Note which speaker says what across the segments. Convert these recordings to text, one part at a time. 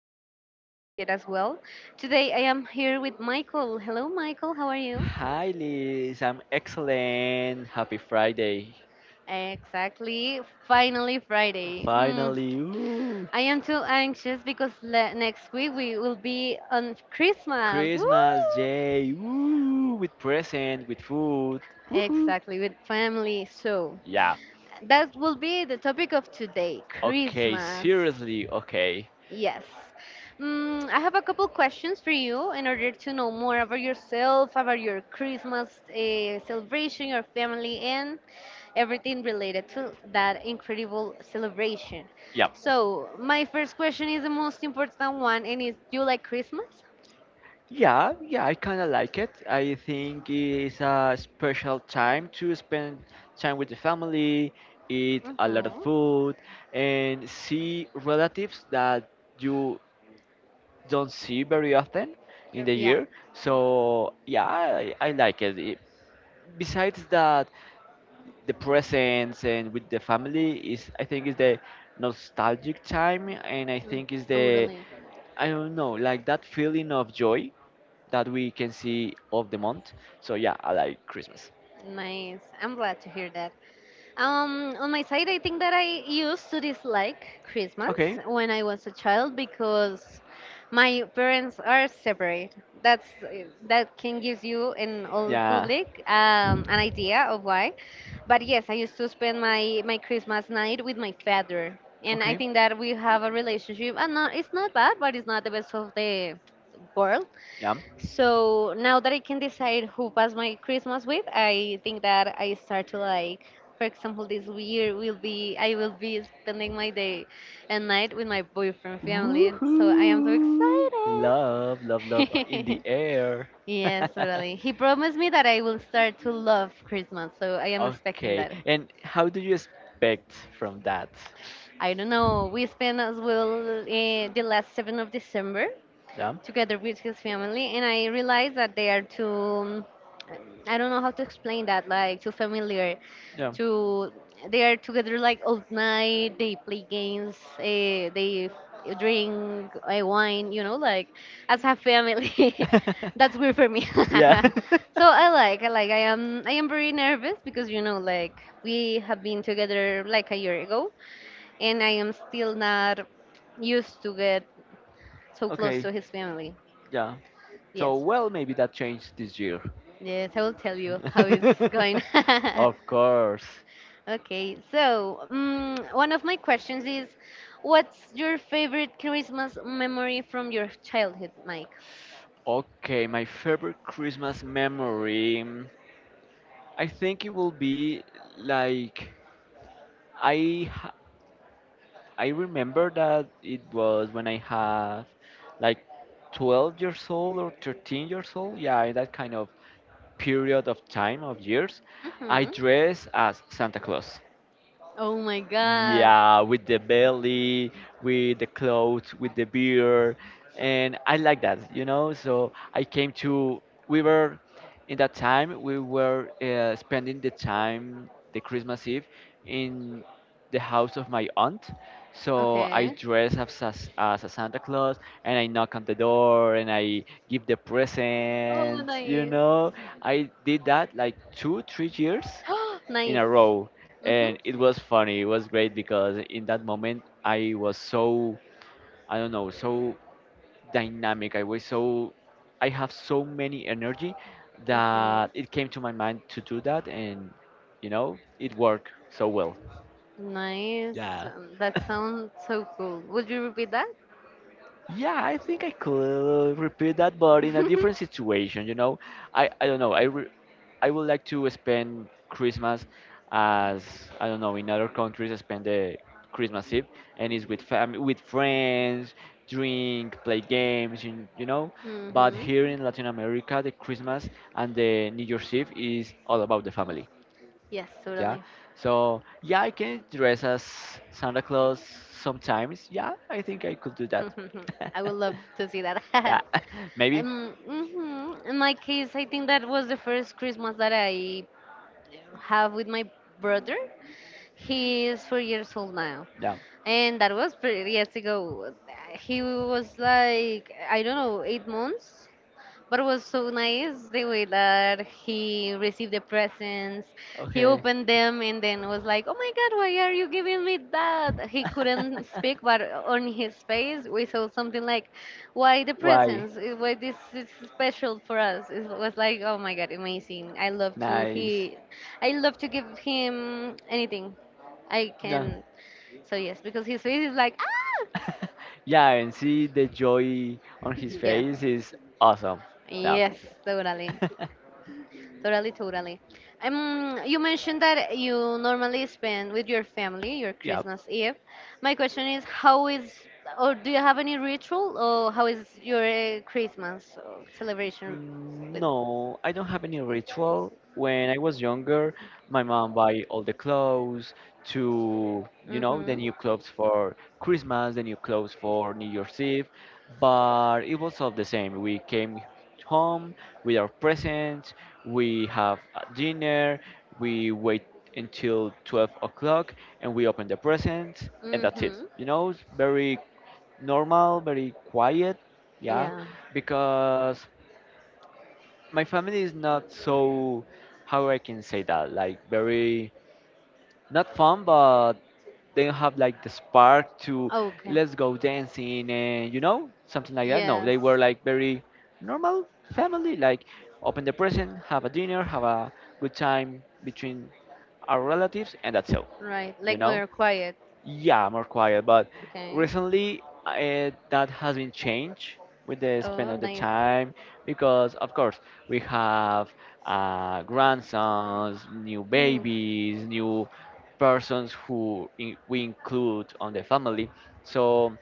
Speaker 1: good. I am good as well. Today, I am here with Michael. Hello, Michael. How are you?
Speaker 2: Hi Liz, I'm excellent. Happy Friday.
Speaker 1: Exactly. Finally, Friday.
Speaker 2: Finally,
Speaker 1: I am too anxious because next week we will be on Christmas. Woo!
Speaker 2: Christmas Day, with present, with food. Woohoo.
Speaker 1: Exactly, with family. So,
Speaker 2: Yeah,
Speaker 1: that will be the topic of today
Speaker 2: okay,
Speaker 1: Christmas.
Speaker 2: seriously, okay.
Speaker 1: Yes. I have a couple questions for you in order to know more about yourself, about your Christmas celebration, your family, and everything related to that incredible celebration.
Speaker 2: Yeah.
Speaker 1: So, my first question is the most important one, and is do you like Christmas?
Speaker 2: Yeah, yeah, I kind of like it. I think it's a special time to spend time with the family, eat a lot of
Speaker 1: Mm-hmm.
Speaker 2: food, and see relatives that you don't see very often in the
Speaker 1: Yeah,
Speaker 2: year. So yeah, I like it. Besides that, the presence and with the family is I think is the nostalgic time, and I
Speaker 1: mm,
Speaker 2: think is the
Speaker 1: totally.
Speaker 2: I don't know like that feeling of joy that we can see of the month. So yeah, I like Christmas.
Speaker 1: Nice. I'm glad to hear that. On my side, I think that I used to dislike Christmas
Speaker 2: Okay.
Speaker 1: when I was a child because my parents are separate. That's that can give you an old
Speaker 2: Yeah.
Speaker 1: public an idea of why. But yes, I used to spend my Christmas night with my father, and I
Speaker 2: Okay.
Speaker 1: think that we have a relationship. And not, it's not bad, but it's not the best of the world.
Speaker 2: Yeah.
Speaker 1: So now that I can decide who pass my Christmas with, I think that I start to like, for example, this year will be I will be spending my day and night with my boyfriend family, and so I am so
Speaker 2: Woohoo! Love, love, love in the
Speaker 1: excited.
Speaker 2: air.
Speaker 1: Yes, totally. He promised me that I will start to love Christmas, so I am expecting
Speaker 2: okay.
Speaker 1: that.
Speaker 2: And how do you expect from that?
Speaker 1: I don't know. We spent as well the last 7th of December
Speaker 2: Yeah.
Speaker 1: together with his family, and I realized that they are too I don't know how to explain that, like too familiar.
Speaker 2: Yeah.
Speaker 1: To they are together like all night. They play games. They drink wine. Like as a family. That's weird for me.
Speaker 2: yeah.
Speaker 1: So I like. I am very nervous because like we have been together like a year ago, and I am still not used to get so close
Speaker 2: okay.
Speaker 1: to his family.
Speaker 2: Yeah. So
Speaker 1: Yes,
Speaker 2: well, maybe that changed this year.
Speaker 1: yes, I will tell you how it's going.
Speaker 2: of course.
Speaker 1: Okay, so one of my questions is, what's your favorite Christmas memory from your childhood, Mike?
Speaker 2: Okay, my favorite Christmas memory. I think it will be like I ha- I remember that it was when I have like 12 years old or 13 years old. Yeah, in that kind of period of time of years, I
Speaker 1: Hmm.
Speaker 2: dress as Santa Claus.
Speaker 1: Oh my God.
Speaker 2: Yeah, with the belly, with the clothes, with the beer, and I like that, you know. So I came to. We were in that time. We were spending the time, the Christmas Eve, in the house of my aunt. So I
Speaker 1: Okay.
Speaker 2: dress as a Santa Claus and I knock on the door and I give the
Speaker 1: Oh,
Speaker 2: presents. You
Speaker 1: nice.
Speaker 2: know, I did that like two, 3 years in
Speaker 1: Nice.
Speaker 2: a row,
Speaker 1: Mhm.
Speaker 2: and it was funny. It was great because in that moment I was so I don't know so dynamic, I was so I have so many energy
Speaker 1: Mhm.
Speaker 2: that it came to my mind to do that, and you know it worked so well.
Speaker 1: Nice.
Speaker 2: Yeah.
Speaker 1: That sounds so cool. Would you repeat that?
Speaker 2: Yeah, I think I could repeat that, but in a different situation. You know, I don't know. I would like to spend Christmas as I don't know in other countries. I spend the Christmas Eve and it's with family, with friends, drink, play games, you know. But
Speaker 1: Mhm.
Speaker 2: here in Latin America, the Christmas and the New Year's Eve is all about the family.
Speaker 1: Yes,
Speaker 2: Yeah.
Speaker 1: totally.
Speaker 2: So yeah, I can dress as Santa Claus sometimes. Yeah, I think I could do that.
Speaker 1: I would love to see that.
Speaker 2: yeah, maybe.
Speaker 1: Mhm. In my case, I think that was the first Christmas that I have with my brother. He is 4 years old now,
Speaker 2: Yeah.
Speaker 1: and that was pretty years ago. He was like I don't know 8 months but was so nice the way that he received the presents. He opened them and then was like, "Oh my God, why are you giving me that?" He couldn't speak, but on his face we saw something like, "Why the
Speaker 2: Why?
Speaker 1: presents? Eh, why this is special for us?" It was like, "Oh my God, amazing!
Speaker 2: Nice.
Speaker 1: I love to give him anything I
Speaker 2: Yeah.
Speaker 1: can." So yes, because his face is like, "Ah,
Speaker 2: yeah, and see the joy on his
Speaker 1: yeah,
Speaker 2: face is awesome. No.
Speaker 1: yes, totally." Totally, totally. You mentioned that you normally spend with your family your
Speaker 2: yeah.
Speaker 1: Christmas Eve. My question is, how is, or do you have any ritual, or how is your Christmas celebration with?
Speaker 2: No, I don't have any ritual. When I was younger, my mom buy all the clothes to, you know, the
Speaker 1: Mm-hmm.
Speaker 2: new clothes for Christmas, the new clothes for New Year's Eve. But it was all the same. We came home with our presents, we have a dinner, we wait until 12 o'clock, and we open the presents, and that's it.
Speaker 1: Mm-hmm.
Speaker 2: You know, it's very normal, very quiet, yeah,
Speaker 1: Yeah.
Speaker 2: because my family is not so how I can say that like very not fun, but they don't have like the spark to
Speaker 1: Okay.
Speaker 2: let's go dancing and you know something like that. No,
Speaker 1: Yes.
Speaker 2: they were like very normal family, like open the present, have a dinner, have a good time between our relatives, and that's all.
Speaker 1: Right.
Speaker 2: You
Speaker 1: Like
Speaker 2: know,
Speaker 1: more quiet.
Speaker 2: yeah, more quiet, but
Speaker 1: Okay.
Speaker 2: recently that has been changed with the spend
Speaker 1: Oh,
Speaker 2: of the
Speaker 1: nice.
Speaker 2: time because, of course, we have grandsons, new
Speaker 1: Hmm.
Speaker 2: babies, new persons who we include on the family. So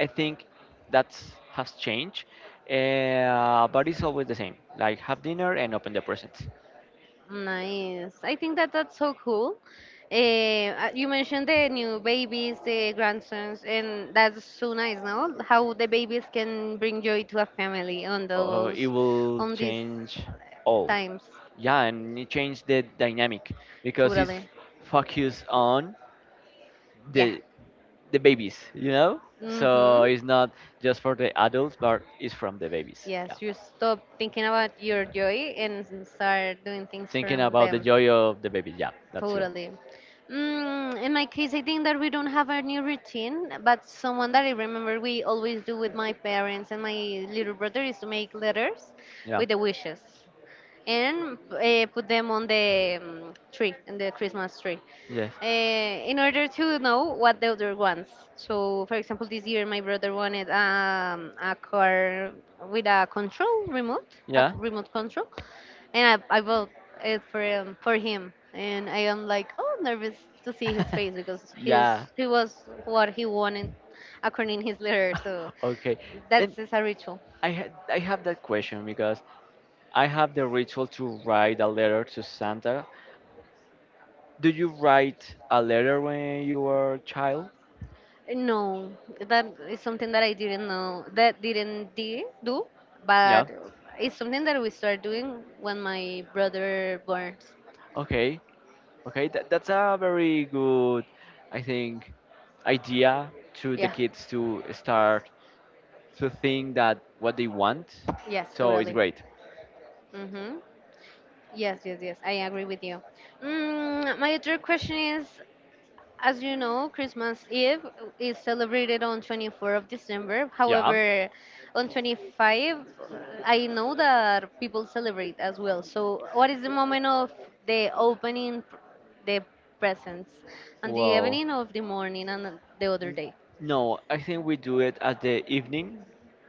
Speaker 2: I think that has changed, but it's always the same. Like have dinner and open the presents.
Speaker 1: Nice. I think that that's so cool. You mentioned the new babies, the grandsons, and that's so nice, no? How the babies can bring joy to a family on those,
Speaker 2: It will
Speaker 1: on these
Speaker 2: change all.
Speaker 1: times.
Speaker 2: Yeah, and it changed the dynamic because it's
Speaker 1: Totally.
Speaker 2: focused on
Speaker 1: Yeah.
Speaker 2: the the babies, you know,
Speaker 1: Mm-hmm.
Speaker 2: so it's not just for the adults but it's from the babies. Yeah,
Speaker 1: Yes, you stop thinking about your joy and start doing things
Speaker 2: thinking
Speaker 1: from
Speaker 2: about the
Speaker 1: them.
Speaker 2: joy of the babies, yeah, that's true.
Speaker 1: Totally. In my case, I think that we don't have a new routine, but someone that I remember we always do with my parents and my little brother is to make letters
Speaker 2: Yeah.
Speaker 1: with the wishes and put them on the tree, in the Christmas tree,
Speaker 2: Yes.
Speaker 1: in order to know what the other wants. So, for example, this year my brother wanted a car with a control remote, a
Speaker 2: Yeah.
Speaker 1: remote control, and I bought it for him, and I am like, oh, nervous to see his face because
Speaker 2: yeah.
Speaker 1: he was what he wanted according his letter. So
Speaker 2: okay, and
Speaker 1: that's just a ritual.
Speaker 2: I have that question because I have the ritual to write a letter to Santa. Do you write a letter when you were a child?
Speaker 1: No, that is something that I didn't know that didn't do,
Speaker 2: Yeah.
Speaker 1: but it's something that we start doing when my brother burns.
Speaker 2: Okay. Okay. That, that's a very good, I think, idea to the
Speaker 1: Yeah,
Speaker 2: kids to start to think that what they want.
Speaker 1: yes,
Speaker 2: So it's
Speaker 1: totally.
Speaker 2: great.
Speaker 1: Mm-hmm. Yes, yes, yes. I agree with you. My other question is: as you know, Christmas Eve is celebrated on 24th of December.
Speaker 2: Yeah.
Speaker 1: However, on 25, I know that people celebrate as well. So, what is the moment of the opening p- the presents? On the
Speaker 2: Well,
Speaker 1: evening of the morning and the other
Speaker 2: N-
Speaker 1: day.
Speaker 2: No, I think we do it at the evening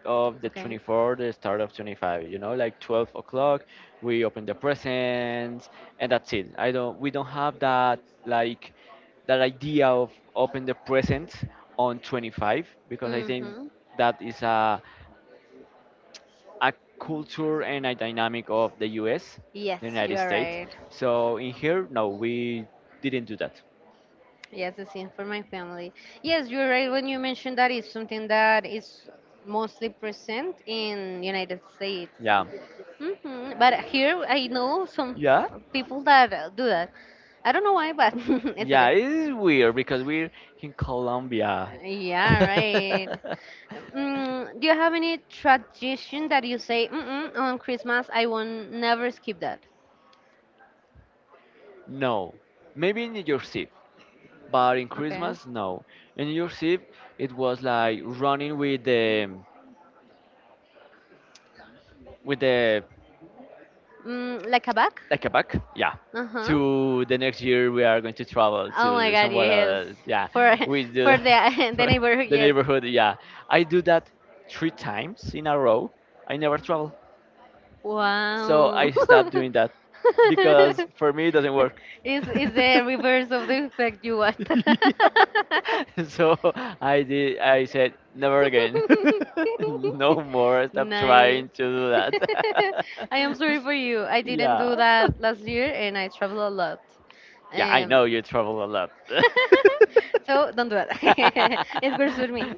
Speaker 2: of the
Speaker 1: Okay.
Speaker 2: 24, the start of 25, you know, like 12 o'clock, we open the presents and that's it. I don't, we don't have that, like, that idea of open the presents on 25 because I think
Speaker 1: Mm-hmm.
Speaker 2: that is a culture and a dynamic of the US, the
Speaker 1: Yes, you
Speaker 2: United
Speaker 1: are
Speaker 2: States.
Speaker 1: right.
Speaker 2: So in here, no, we didn't do that.
Speaker 1: Yes, the same for my family. Yes, you're right when you mentioned that it's something that is mostly present in United States.
Speaker 2: Yeah.
Speaker 1: But here I know some
Speaker 2: Yeah.
Speaker 1: people that do that. I don't know why, but it's
Speaker 2: Yeah,
Speaker 1: okay.
Speaker 2: it is weird because we're in Colombia.
Speaker 1: Yeah, right. Do you have any tradition that you say, "Mm-mm, on Christmas I will never skip that?"
Speaker 2: No, maybe in New Year's Eve, but in
Speaker 1: Okay.
Speaker 2: Christmas, no. In New Year's Eve, it was like running with the
Speaker 1: Like a bag?
Speaker 2: like a back, yeah,
Speaker 1: Uh-huh.
Speaker 2: to the next year we are going to travel
Speaker 1: Oh my
Speaker 2: to
Speaker 1: God,
Speaker 2: somewhere
Speaker 1: yes.
Speaker 2: else. Yeah,
Speaker 1: For
Speaker 2: we do
Speaker 1: for the the
Speaker 2: that.
Speaker 1: neighborhood,
Speaker 2: the
Speaker 1: yes.
Speaker 2: neighborhood, yeah, I do that three times in a row, I never travel, so
Speaker 1: Wow.
Speaker 2: I stopped doing that because for me it doesn't work.
Speaker 1: Is the reverse of the effect you want.
Speaker 2: Yeah. So I did. I said never again. no more. Stop
Speaker 1: Nice.
Speaker 2: trying to do that.
Speaker 1: I am sorry for you. I didn't
Speaker 2: yeah.
Speaker 1: do that last year and I travel a lot.
Speaker 2: Yeah, I
Speaker 1: Um,
Speaker 2: know you travel a lot.
Speaker 1: so don't do that. It works with me.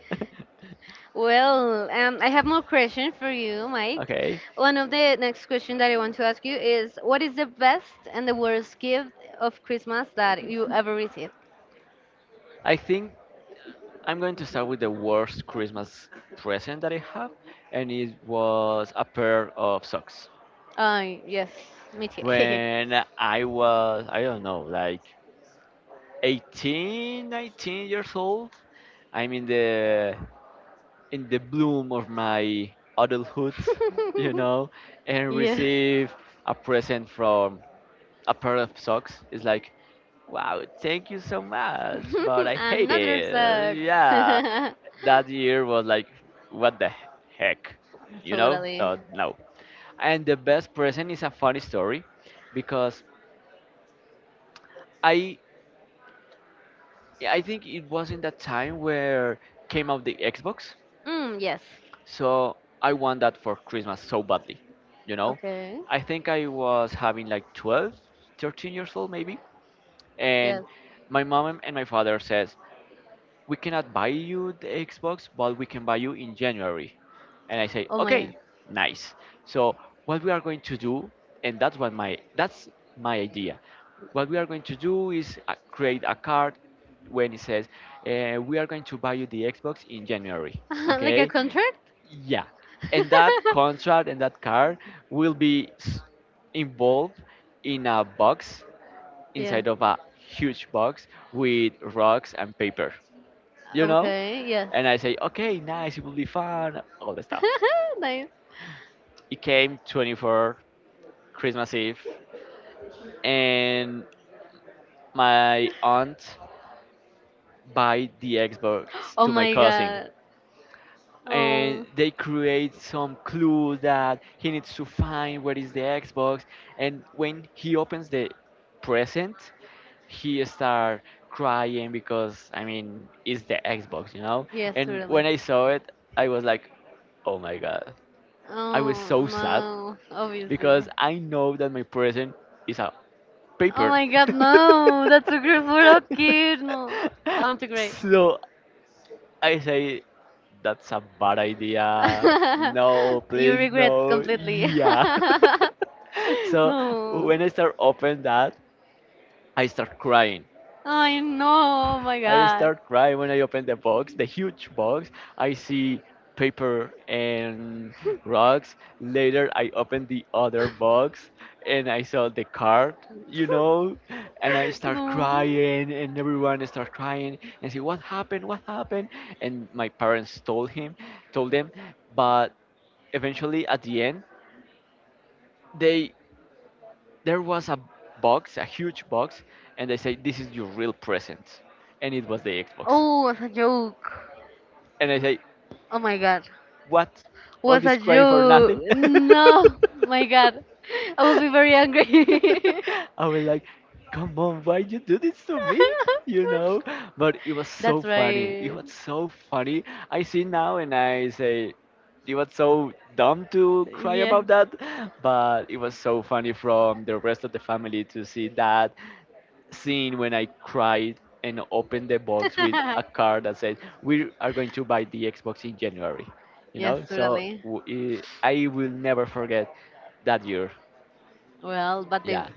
Speaker 1: Well, I have more question for you, Mike. Okay.
Speaker 2: okay.
Speaker 1: One of the next question that I want to ask you is, what is the best and the worst gift of Christmas that you ever received?
Speaker 2: I think I'm going to start with the worst Christmas present that I have, and it was a pair of socks.
Speaker 1: Yes, me too.
Speaker 2: When I was, I don't know, like 18, 19 years old, I'm in the bloom of my adulthood, you know, and
Speaker 1: Yes.
Speaker 2: receive a present from a pair of socks. It's like, wow, thank you so much, but I hate
Speaker 1: Another
Speaker 2: it.
Speaker 1: sucks.
Speaker 2: Yeah, that year was like, what the heck, you know?
Speaker 1: Totally.
Speaker 2: So, no. And the best present is a funny story because I I think it was in that time where came out the Xbox.
Speaker 1: Mm, yes.
Speaker 2: So I want that for Christmas so badly, you know?
Speaker 1: Okay.
Speaker 2: I think I was having like 12, 13 years old maybe.
Speaker 1: Yes.
Speaker 2: And my mom and my father says, we cannot buy you the Xbox, but we can buy you in January. And I say,
Speaker 1: Oh my god.
Speaker 2: okay, nice. So what we are going to do, and that's what my that's my idea. What we are going to do is create a card when it says, we are going to buy you the Xbox in January.
Speaker 1: Like a
Speaker 2: Okay,
Speaker 1: contract?
Speaker 2: yeah, and that contract and that card will be involved in a box
Speaker 1: Yeah.
Speaker 2: inside of a huge box with rocks and paper, you know?
Speaker 1: Okay. Yes.
Speaker 2: And I say, okay, nice, it will be fun, all the stuff.
Speaker 1: Nice.
Speaker 2: It came 24 Christmas Eve, and my aunt buy the Xbox
Speaker 1: Oh
Speaker 2: to my
Speaker 1: my
Speaker 2: cousin,
Speaker 1: god.
Speaker 2: and
Speaker 1: Oh.
Speaker 2: they create some clue that he needs to find where is the Xbox, and when he opens the present, he start crying because I mean it's the Xbox, you know.
Speaker 1: Yes,
Speaker 2: And
Speaker 1: really.
Speaker 2: when I saw it, I was like, oh my god, I was
Speaker 1: Oh
Speaker 2: so sad
Speaker 1: no,
Speaker 2: because
Speaker 1: obviously.
Speaker 2: I know that my present is a
Speaker 1: Oh
Speaker 2: paper.
Speaker 1: my god, no! That's a girl for a kid. No, I want to cry.
Speaker 2: so I say, that's a bad idea. No,
Speaker 1: You
Speaker 2: please,
Speaker 1: regret
Speaker 2: no.
Speaker 1: completely.
Speaker 2: Yeah. so
Speaker 1: No.
Speaker 2: when I start open that, I start crying.
Speaker 1: I know. Oh my
Speaker 2: I
Speaker 1: god.
Speaker 2: start crying when I open the box, the huge box. I see paper and rocks. Later, I open the other box and I saw the card, you know, and I start
Speaker 1: No.
Speaker 2: crying and everyone start crying and say, "What happened? What happened?" And my parents told them, but eventually at the end, they there was a box, a huge box, and they say, "This is your real present," and it was the Xbox.
Speaker 1: Oh, it was a joke.
Speaker 2: And I say,
Speaker 1: Oh my god.
Speaker 2: what? All
Speaker 1: Was a
Speaker 2: this crying for
Speaker 1: joke.
Speaker 2: nothing?
Speaker 1: No. My god. I will be very angry.
Speaker 2: I was like, come on, why you do this to me? You know? But it was so
Speaker 1: That's
Speaker 2: funny. It
Speaker 1: right.
Speaker 2: was so funny. I see now and I say, it was so dumb to cry
Speaker 1: Yeah.
Speaker 2: about that, but it was so funny from the rest of the family to see that scene when I cried and opened the box with a card that said, "We are going to buy the Xbox in January." You
Speaker 1: Yes,
Speaker 2: know, so
Speaker 1: totally.
Speaker 2: I will never forget that year.
Speaker 1: Well, but
Speaker 2: Yeah,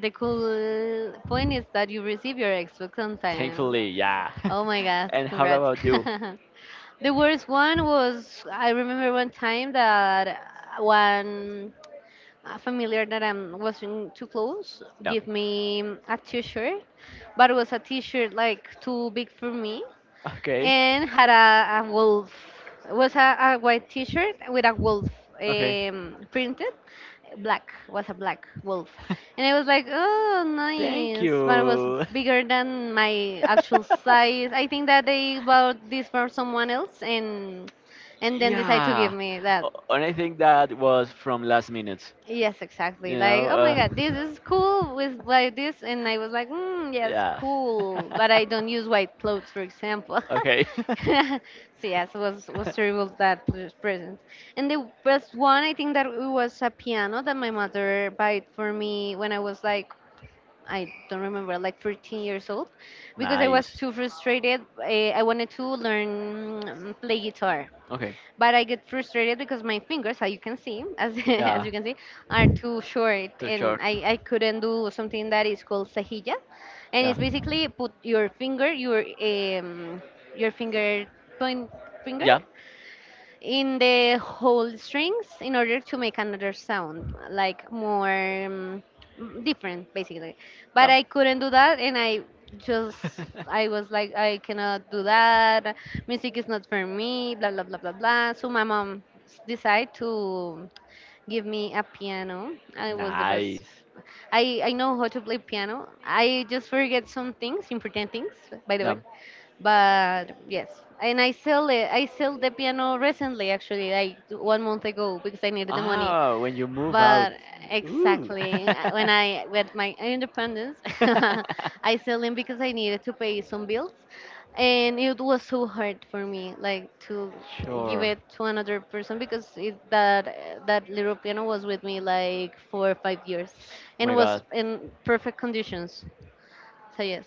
Speaker 1: the cool point is that you receive your Xbox on time.
Speaker 2: thankfully, yeah.
Speaker 1: Oh my God!
Speaker 2: and how
Speaker 1: Congrats.
Speaker 2: about you?
Speaker 1: The worst one was I remember one time that one a familiar that I am wasn't too close
Speaker 2: Yeah.
Speaker 1: gave me a T-shirt, but it was a T-shirt like too big for me
Speaker 2: Okay.
Speaker 1: and had a wolf. It was a white T-shirt with a wolf
Speaker 2: Okay.
Speaker 1: printed. Black was a black wolf, and I was like, "Oh,
Speaker 2: Thank
Speaker 1: nice!" But it was
Speaker 2: you.
Speaker 1: bigger than my actual size. I think that they bought this for someone else, and then decided to
Speaker 2: yeah.
Speaker 1: give me that.
Speaker 2: And I think that was from last minute.
Speaker 1: Yes, exactly.
Speaker 2: You
Speaker 1: Like,
Speaker 2: know.
Speaker 1: oh my God, this is cool with like this, and I was like, mm, yes,
Speaker 2: Yeah.
Speaker 1: cool, but I don't use white clothes, for example.
Speaker 2: okay.
Speaker 1: So yes, it was terrible that present. And the best one, I think that it was a piano that my mother bought for me when I was like. I don't remember, like 13 years old, because I was
Speaker 2: nice.
Speaker 1: too frustrated. I wanted to learn play guitar,
Speaker 2: Okay.
Speaker 1: but I get frustrated because my fingers, as you can see, as as
Speaker 2: Yeah.
Speaker 1: you can see, are too short,
Speaker 2: Too
Speaker 1: and
Speaker 2: short.
Speaker 1: I couldn't do something that is called cejilla, and
Speaker 2: Yeah.
Speaker 1: it's basically put your finger, your finger point finger
Speaker 2: Yeah.
Speaker 1: in the whole strings in order to make another sound, like more different, basically. But
Speaker 2: Dumb.
Speaker 1: I couldn't do that, and just I was like, I cannot do that. Music is not for me. Blah blah blah blah blah. So my mom decided to give me a piano. I was the best.
Speaker 2: nice.
Speaker 1: I know how to play piano. I just forget some things, important things, by the way,
Speaker 2: Dumb.
Speaker 1: but yes, and I sell the piano recently, actually like one month ago, because I needed the money,
Speaker 2: Ah, when you move out.
Speaker 1: but
Speaker 2: Ooh.
Speaker 1: exactly when I got my independence I sell them because I needed to pay some bills, and it was so hard for me like to give
Speaker 2: sure.
Speaker 1: it to another person because it, that that little piano was with me like 4 or 5 years
Speaker 2: Oh
Speaker 1: and
Speaker 2: my
Speaker 1: was
Speaker 2: god.
Speaker 1: in perfect conditions, so yes,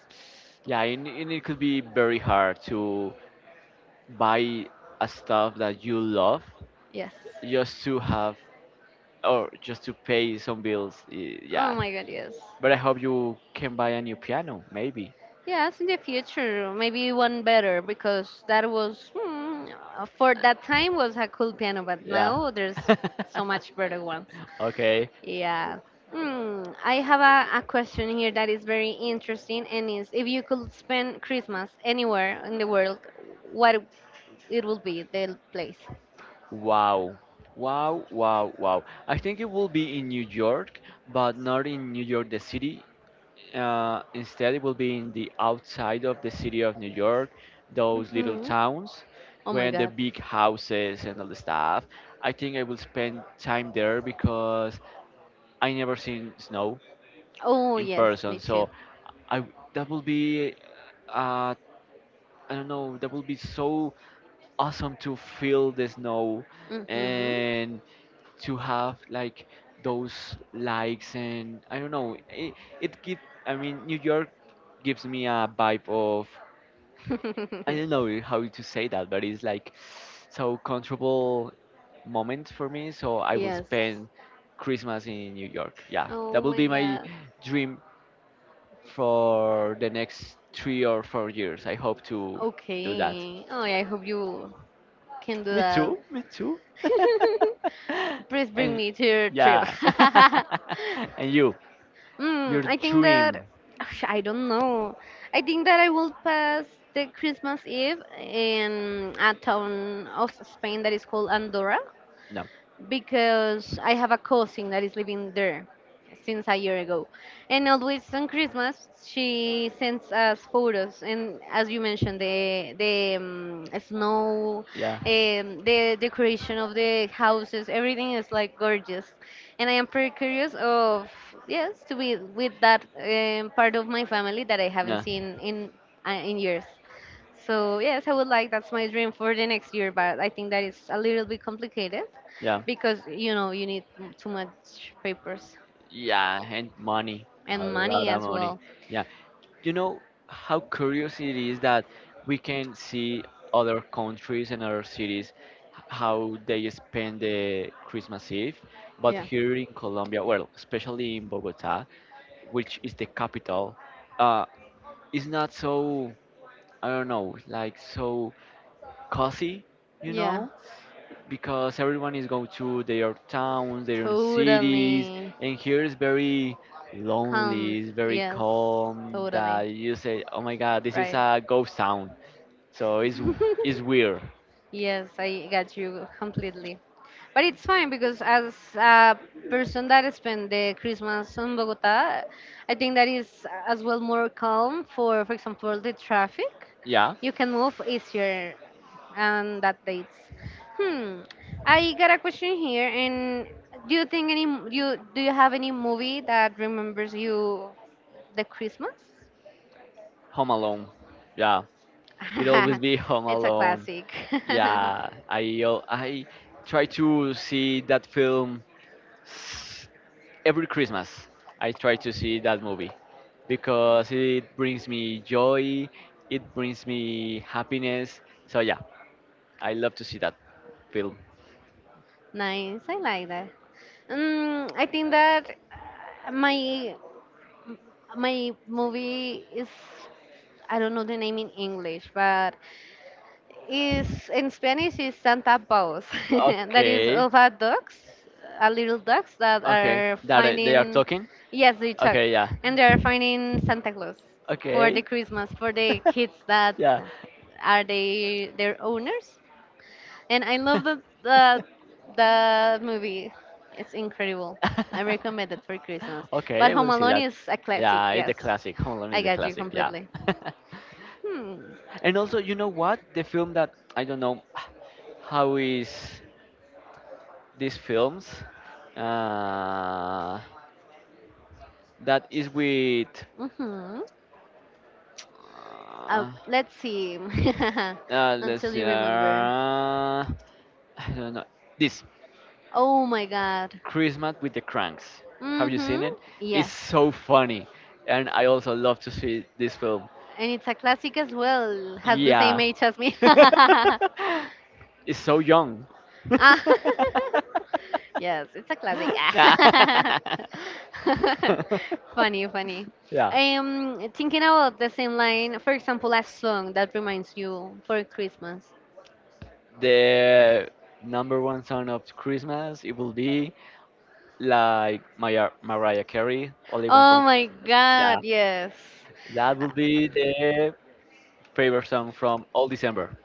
Speaker 2: Yeah, and it could be very hard to buy a stuff that you love
Speaker 1: yes.
Speaker 2: just to have or just to pay some bills.
Speaker 1: Oh
Speaker 2: Yeah,
Speaker 1: my god, yes.
Speaker 2: but I hope you can buy a new piano, maybe.
Speaker 1: Yes, in the future, maybe one better because that was for that time was a cool piano, but
Speaker 2: Yeah.
Speaker 1: now there's so much better ones.
Speaker 2: Okay.
Speaker 1: Yeah. I have a question here that is very interesting and is if you could spend Christmas anywhere in the world, what it will be the place?
Speaker 2: Wow. Wow, wow, wow. I think it will be in New York, but not in New York the city. Instead, it will be in the outside of the city of New York, those little
Speaker 1: hmm
Speaker 2: towns,
Speaker 1: Oh my
Speaker 2: where the
Speaker 1: God.
Speaker 2: big houses and all the stuff. I think I will spend time there because I never seen snow
Speaker 1: Oh
Speaker 2: in
Speaker 1: yes,
Speaker 2: person.
Speaker 1: me too.
Speaker 2: So I that will be uh, I don't know, that will be so awesome to feel the snow
Speaker 1: hmm
Speaker 2: and to have like those likes and I don't know it, it give I mean New York gives me a vibe of I don't know how to say that, but it's like so comfortable moment for me, so I will
Speaker 1: yes.
Speaker 2: spend Christmas in New York. Yeah,
Speaker 1: Oh
Speaker 2: that will
Speaker 1: my
Speaker 2: be my
Speaker 1: God.
Speaker 2: dream for the next 3 or 4 years. I hope to do that.
Speaker 1: Okay. Oh, I hope you can do
Speaker 2: Me
Speaker 1: that.
Speaker 2: too. Me too.
Speaker 1: Please bring
Speaker 2: And
Speaker 1: me to your trip.
Speaker 2: yeah. And you, your
Speaker 1: I think
Speaker 2: dream.
Speaker 1: that I don't know. I think that I will pass the Christmas Eve in a town of Spain that is called Andorra
Speaker 2: No.
Speaker 1: because I have a cousin that is living there since a year ago. And always on Christmas, she sends us photos. And as you mentioned, the snow,
Speaker 2: Yeah.
Speaker 1: the decoration of the houses, everything is like gorgeous. And I am pretty curious of yes to be with that part of my family that I haven't
Speaker 2: Yeah.
Speaker 1: seen in years. So yes, I would like that's my dream for the next year, but I think that is a little bit complicated
Speaker 2: Yeah.
Speaker 1: because you know you need too much papers
Speaker 2: Yeah. And money. A
Speaker 1: and
Speaker 2: lot
Speaker 1: money
Speaker 2: of
Speaker 1: as
Speaker 2: money.
Speaker 1: well.
Speaker 2: Yeah. You know how curious it is that we can see other countries and other cities, how they spend the Christmas Eve, but
Speaker 1: Yeah,
Speaker 2: here in Colombia, well, especially in Bogota, which is the capital, uh, it's not so, I don't know, like so cozy, you
Speaker 1: yeah,
Speaker 2: know? Because everyone is going to their towns, their own cities,
Speaker 1: totally.
Speaker 2: and here is very lonely,
Speaker 1: Can't.
Speaker 2: it's very
Speaker 1: Yes,
Speaker 2: calm.
Speaker 1: totally.
Speaker 2: That you say, "Oh my God, this is
Speaker 1: Right.
Speaker 2: a ghost town." So it's weird.
Speaker 1: Yes, I got you completely. But it's fine because as a person that spent the Christmas in Bogota, I think that is as well more calm for example, the traffic.
Speaker 2: Yeah,
Speaker 1: You can move easier on that dates. Hmm. I got a question here, and do you think any you have any movie that remembers you the Christmas?
Speaker 2: Home Alone. Yeah, it always be Home
Speaker 1: It's a
Speaker 2: Alone.
Speaker 1: classic.
Speaker 2: Yeah, I try to see that film every Christmas. I try to see that movie because it brings me joy, it brings me happiness. So yeah, I love to see that film.
Speaker 1: Nice, I like that. I think that uh, my my movie is I don't know the name in English, but is in Spanish is Santa Paus. That is
Speaker 2: Okay,
Speaker 1: of a dogs, a little dogs that
Speaker 2: okay,
Speaker 1: are
Speaker 2: that, they are
Speaker 1: finding,
Speaker 2: talking.
Speaker 1: yes, they talk,
Speaker 2: Okay, yeah,
Speaker 1: and they are finding Santa Claus for the
Speaker 2: okay,
Speaker 1: Christmas for the kids that
Speaker 2: yeah.
Speaker 1: are they their owners. And I love the that movie. It's incredible. I recommend it for Christmas. But
Speaker 2: Okay, I
Speaker 1: Home
Speaker 2: will see
Speaker 1: Alone
Speaker 2: that.
Speaker 1: is a classic.
Speaker 2: Yeah, it's a
Speaker 1: Yes,
Speaker 2: classic. Home Alone
Speaker 1: I
Speaker 2: is a
Speaker 1: got you
Speaker 2: classic. Yeah.
Speaker 1: completely. Hmm.
Speaker 2: And also, you know what? The film that I don't know how is these films, uh, that is with
Speaker 1: Mhm.
Speaker 2: uh,
Speaker 1: Let's see.
Speaker 2: let's
Speaker 1: Until
Speaker 2: see,
Speaker 1: you remember.
Speaker 2: I don't know this,
Speaker 1: Oh my God.
Speaker 2: Christmas with the Cranks. Have you
Speaker 1: Mhm.
Speaker 2: seen it? It's
Speaker 1: Yes.
Speaker 2: so funny, and I also love to see this film.
Speaker 1: And it's a classic as well. Has the same
Speaker 2: Yeah,
Speaker 1: age as me.
Speaker 2: it's so young.
Speaker 1: Ah, yes, it's a classic.
Speaker 2: yeah.
Speaker 1: Ah. Funny, funny.
Speaker 2: yeah.
Speaker 1: Thinking about the same line, for example, a song that reminds you for Christmas.
Speaker 2: The number one song of Christmas, it will be like Maya, Mariah Carey, Only One
Speaker 1: Oh
Speaker 2: from.
Speaker 1: my
Speaker 2: Yeah.
Speaker 1: God, yes.
Speaker 2: That will be the favorite song from all December.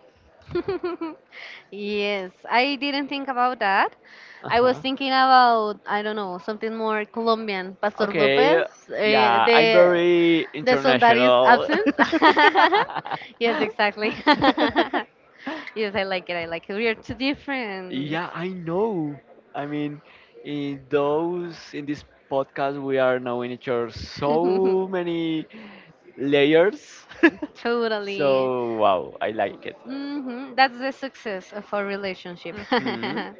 Speaker 1: Yes, I didn't think about that.
Speaker 2: Uh
Speaker 1: I was
Speaker 2: huh.
Speaker 1: thinking about, I don't know, something more Colombian. Pastor
Speaker 2: Okay.
Speaker 1: Lopez, eh,
Speaker 2: Yeah, I'm
Speaker 1: the
Speaker 2: very
Speaker 1: the song that is
Speaker 2: international.
Speaker 1: absence. Yes, exactly. Yes, I like it. I like it. We are too different.
Speaker 2: Yeah, I know. I mean, in this podcast, we are knowing each other so many layers. So
Speaker 1: Totally.
Speaker 2: wow, I like it.
Speaker 1: Hmm. That's the success of our relationship.
Speaker 2: Hmm.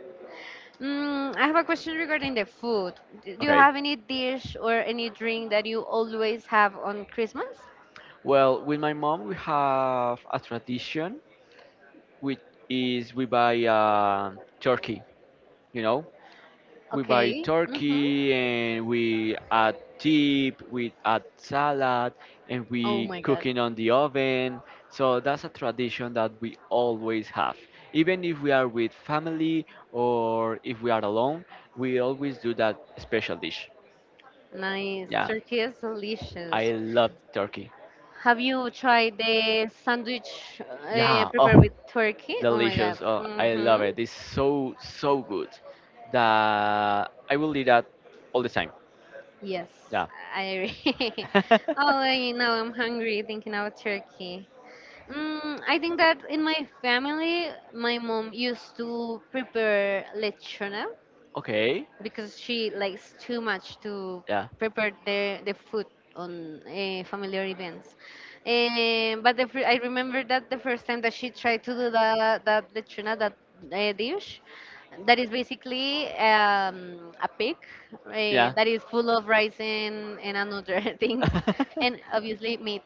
Speaker 1: Mm, I have a question regarding the food. Do you
Speaker 2: Okay.
Speaker 1: have any dish or any drink that you always have on Christmas?
Speaker 2: Well, with my mom, we have a tradition, which is we buy, turkey. You know, we buy
Speaker 1: Okay. Mm-hmm.
Speaker 2: turkey and we add dip, we add salad, and
Speaker 1: Oh
Speaker 2: we
Speaker 1: my God.
Speaker 2: cook it on the oven. So that's a tradition that we always have. Even if we are with family or if we are alone, we always do that special dish.
Speaker 1: Nice.
Speaker 2: Yeah,
Speaker 1: Turkey is
Speaker 2: I
Speaker 1: delicious.
Speaker 2: love turkey.
Speaker 1: Have you tried the sandwich
Speaker 2: Yeah,
Speaker 1: prepared
Speaker 2: oh,
Speaker 1: with turkey? Oh my God.
Speaker 2: delicious. Oh, I love
Speaker 1: Mm-hmm.
Speaker 2: it. It's so, so good that I will eat that all the time.
Speaker 1: Yes,
Speaker 2: Yeah.
Speaker 1: I agree. Oh, I know I'm hungry thinking about turkey. Mm, I think that in my family, my mom used to prepare lechona,
Speaker 2: Okay.
Speaker 1: because she likes too much to
Speaker 2: Yeah.
Speaker 1: prepare the food on familiar events. But I remember that the first time that she tried to do that, that lechona, that dish, that is basically a pig uh,
Speaker 2: Yeah.
Speaker 1: that is full of rice and other things, and obviously meat.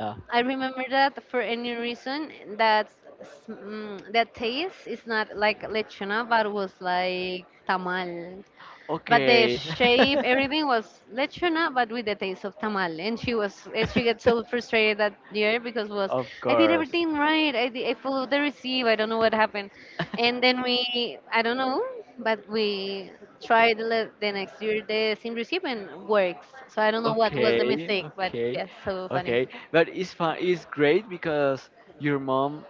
Speaker 2: yeah.
Speaker 1: I remember that for any reason that that taste is not like lechona, but was like tamal. But the
Speaker 2: Okay.
Speaker 1: shape, everything was lechona, but with the taste of tamal. And she was, and she gets so frustrated that year because was,
Speaker 2: Of
Speaker 1: I did
Speaker 2: course.
Speaker 1: everything right. I did, I followed the receipt. I don't know what happened. And then we, I don't know, but we tried the next year the same receipt and works. So I don't know what was the
Speaker 2: Okay,
Speaker 1: mistake, but
Speaker 2: okay,
Speaker 1: yes, so funny.
Speaker 2: okay. But it's fun. It's great because your mom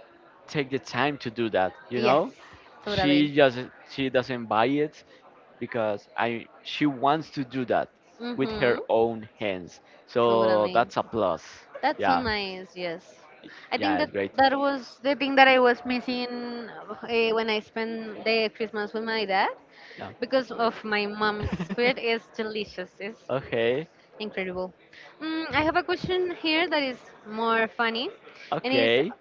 Speaker 2: take the time to do that. You
Speaker 1: Yes,
Speaker 2: know,
Speaker 1: totally.
Speaker 2: she just, she doesn't buy it because I, she wants to do that with
Speaker 1: Mm-hmm.
Speaker 2: her own hands. So
Speaker 1: Totally.
Speaker 2: that's a plus.
Speaker 1: That's so
Speaker 2: Yeah,
Speaker 1: nice, yes. I think
Speaker 2: yeah,
Speaker 1: that
Speaker 2: it's great.
Speaker 1: that was the thing that I was missing when I spent the Christmas with my dad
Speaker 2: Yeah.
Speaker 1: because of my mom's food is delicious. It's
Speaker 2: okay,
Speaker 1: incredible. Mm, I have a question here that is more funny and is
Speaker 2: okay.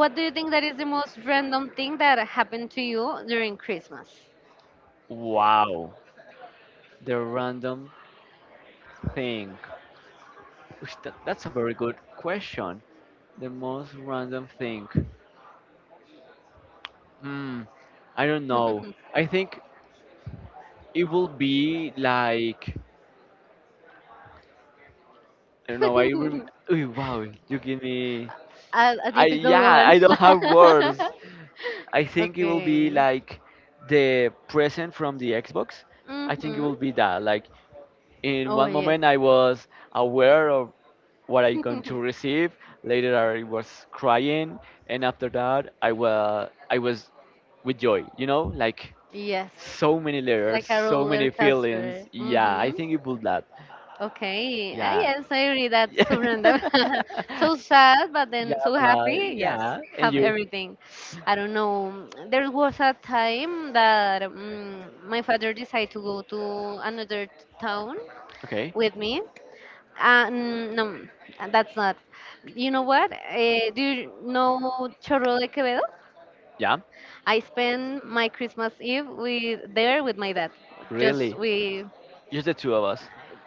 Speaker 1: what do you think that is the most random thing that happened to you during Christmas?
Speaker 2: Wow. The random thing. That's a very good question. The most random thing. Hmm. I don't know.
Speaker 1: A
Speaker 2: I think it will be like I don't know. Ooh, wow. You give me.
Speaker 1: a
Speaker 2: I
Speaker 1: difficult
Speaker 2: Yeah.
Speaker 1: one.
Speaker 2: I don't have words. I think it will be
Speaker 1: Okay.
Speaker 2: like the present from the Xbox. I think it
Speaker 1: Mm-hmm.
Speaker 2: will be that. Like in
Speaker 1: Oh,
Speaker 2: one
Speaker 1: yes.
Speaker 2: moment, I was aware of what are you going to receive later. I was crying, and after that I was with joy, you know, like
Speaker 1: Yes.
Speaker 2: so many
Speaker 1: Like
Speaker 2: layers,
Speaker 1: a
Speaker 2: so
Speaker 1: roller
Speaker 2: many
Speaker 1: coaster.
Speaker 2: feelings. Yeah, I
Speaker 1: Mm-hmm.
Speaker 2: think it would that.
Speaker 1: Okay. Ah,
Speaker 2: Yeah.
Speaker 1: yes, I agree. That's so random.
Speaker 2: Yeah.
Speaker 1: So sad, but then so happy. Yes,
Speaker 2: Yeah. And
Speaker 1: have
Speaker 2: you
Speaker 1: everything. I don't know. There was a time that my father decided to go to another town
Speaker 2: okay.
Speaker 1: with me. No, that's not. You know what? Do you know Chorro de Quevedo?
Speaker 2: Yeah,
Speaker 1: I spent my Christmas Eve with there with my dad, just
Speaker 2: really,
Speaker 1: we
Speaker 2: just the two of us.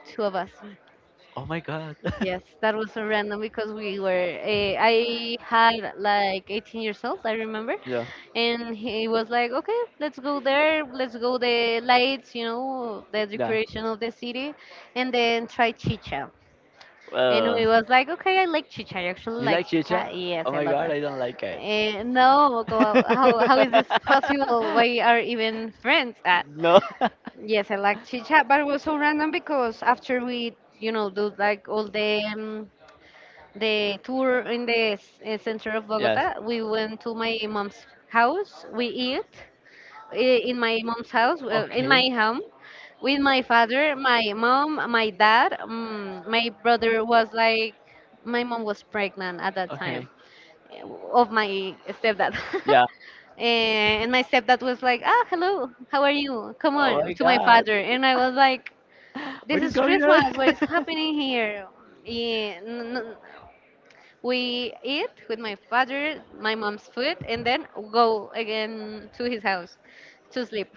Speaker 1: two of us.
Speaker 2: Oh my god.
Speaker 1: Yes, that was so random because we were. I had like 18 years old, I remember,
Speaker 2: Yeah.
Speaker 1: and he was like, "Okay, let's go there. Let's go the lights, you know, the
Speaker 2: Yeah,
Speaker 1: decoration of the city, and then try chicha." And we
Speaker 2: well,
Speaker 1: was like, okay, I like chicha. I actually
Speaker 2: you
Speaker 1: like
Speaker 2: like
Speaker 1: chicha.
Speaker 2: chicha?
Speaker 1: Yes,
Speaker 2: Oh
Speaker 1: I
Speaker 2: my
Speaker 1: love
Speaker 2: god,
Speaker 1: it.
Speaker 2: I don't like it.
Speaker 1: And no, how is this possible? Why are even friends at?
Speaker 2: No.
Speaker 1: Yes, I like chicha, but it was so random because after we, you know, do like all the tour in the center of
Speaker 2: Yes.
Speaker 1: Bogota, we went to my mom's house. We eat in my mom's house, in my
Speaker 2: Okay.
Speaker 1: home, with my father, my mom, my dad. My brother was like, my mom was pregnant at that time
Speaker 2: Okay.
Speaker 1: eh, of my stepdad.
Speaker 2: Yeah.
Speaker 1: And my stepdad was like, ah, hello, how are you? Come
Speaker 2: Oh
Speaker 1: on,
Speaker 2: my
Speaker 1: to my
Speaker 2: god.
Speaker 1: father. And I was like, this
Speaker 2: What is
Speaker 1: is
Speaker 2: going on?
Speaker 1: Christmas, what is happening here? Yeah, we eat with my father, my mom's food, and then go again to his house to sleep.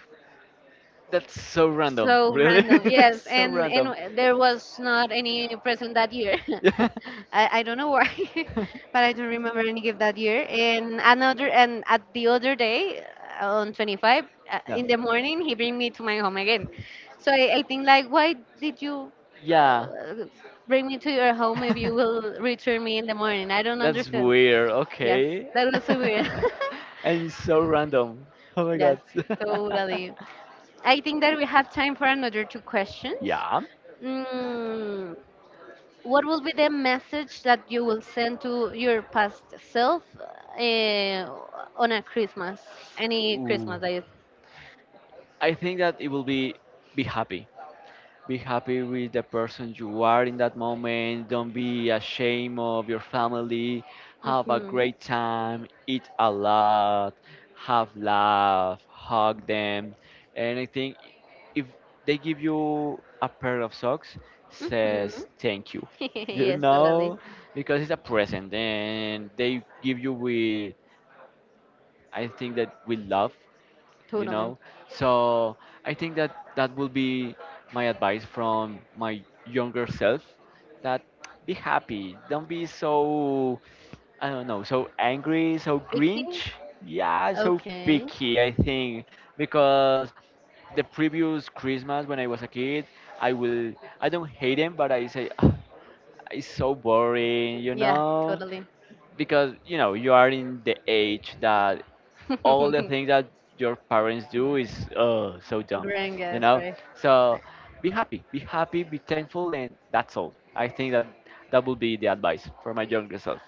Speaker 2: That's so random.
Speaker 1: So
Speaker 2: Really?
Speaker 1: random,
Speaker 2: That's
Speaker 1: yes,
Speaker 2: so
Speaker 1: and
Speaker 2: random.
Speaker 1: there was not any present that year.
Speaker 2: Yeah.
Speaker 1: I don't know why, but I don't remember any gift that year. And another and at the other day on the 25th
Speaker 2: No.
Speaker 1: in the morning, he bring me to my home again. So I think like, why did you
Speaker 2: Yeah.
Speaker 1: uh, bring me to your home if you will return me in the morning? I don't
Speaker 2: That's
Speaker 1: understand.
Speaker 2: weird.
Speaker 1: Yes,
Speaker 2: Okay.
Speaker 1: that was so weird.
Speaker 2: And it's so random. Oh my
Speaker 1: Yes,
Speaker 2: god.
Speaker 1: totally. I think that we have time for another two questions.
Speaker 2: yeah.
Speaker 1: Mm, what will be the message that you will send to your past self on a Christmas? Any
Speaker 2: Ooh.
Speaker 1: Christmas that you.
Speaker 2: I think that it will be happy. Be happy with the person you are in that moment. Don't be ashamed of your family. Have a
Speaker 1: Mhm.
Speaker 2: great time. Eat a lot. Have laugh. Hug them. And I think if they give you a pair of socks, says
Speaker 1: Mhm.
Speaker 2: thank you. You
Speaker 1: Yes, totally.
Speaker 2: know, because it's a present, and they give you with, I think, that with love, you
Speaker 1: Totally.
Speaker 2: know. So I think that that will be my advice from my younger self, that be happy, don't be so, I don't know, so angry, so
Speaker 1: Vicky?
Speaker 2: grinch, yeah, so
Speaker 1: Okay.
Speaker 2: picky. I think because the previous Christmas when I was a kid, i will I don't hate him, but I say, "Ah, it's so boring, you
Speaker 1: Yeah,
Speaker 2: know,
Speaker 1: totally.
Speaker 2: because you know you are in the age that all the things that your parents do is, so dumb,
Speaker 1: Grand
Speaker 2: you
Speaker 1: guess,
Speaker 2: know."
Speaker 1: right?
Speaker 2: So be happy, be happy, be thankful, and that's all. I think that that would be the advice for my younger self.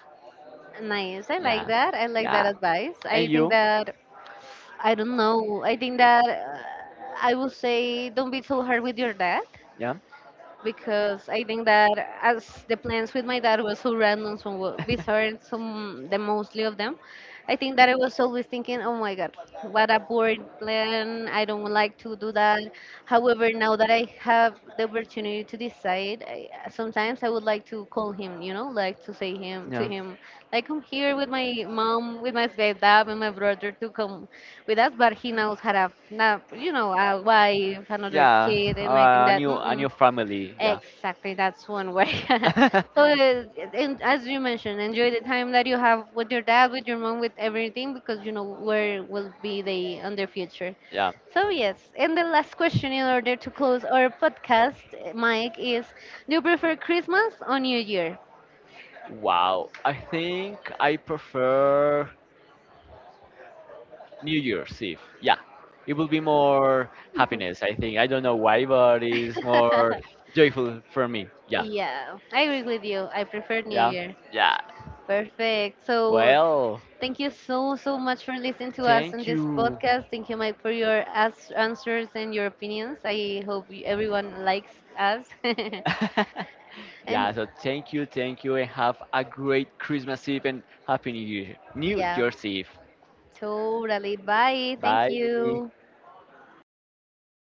Speaker 1: Nice. I like
Speaker 2: Yeah,
Speaker 1: that. I like that
Speaker 2: yeah.
Speaker 1: advice.
Speaker 2: And
Speaker 1: I think
Speaker 2: you,
Speaker 1: that I don't know. I think that I would say don't be too hard with your dad
Speaker 2: yeah,
Speaker 1: because I think that as the plans with my dad was so random, so bizarre, some the mostly of them, I think that I was always thinking, oh my god, what a boring plan! I don't like to do that. However, now that I have the opportunity to decide, I, sometimes I would like to call him, you know, like to say him to
Speaker 2: yeah,
Speaker 1: him, like I'm here with my mom, with my dad, and my brother to come with us, but he knows had a, now you know, a wife, another
Speaker 2: yeah.
Speaker 1: kid, and I think that.
Speaker 2: A
Speaker 1: Mm-mm.
Speaker 2: new family. Yeah,
Speaker 1: Exactly, that's one way. So, and as you mentioned, enjoy the time that you have with your dad, with your mom, with everything, because you know where will be they on their future.
Speaker 2: yeah.
Speaker 1: So yes, and the last question in order to close our podcast, Mike, is: Do you prefer Christmas or New Year?
Speaker 2: Wow. I think I prefer New Year's Eve. Yeah, it will be more happiness. I think I don't know why, but it's more joyful for me. Yeah,
Speaker 1: Yeah, I agree with you. I prefer New
Speaker 2: yeah,
Speaker 1: Year.
Speaker 2: yeah.
Speaker 1: Perfect. So
Speaker 2: Well,
Speaker 1: thank you so, so much for listening to us on
Speaker 2: thank
Speaker 1: this
Speaker 2: you.
Speaker 1: podcast. Thank you, Mike, for your answers and your opinions. I hope everyone likes us.
Speaker 2: Yeah,
Speaker 1: And
Speaker 2: so thank you, and have a great Christmas Eve and Happy New Year, New
Speaker 1: yeah,
Speaker 2: Year's Eve.
Speaker 1: totally. Bye. Thank
Speaker 2: Bye.
Speaker 1: you.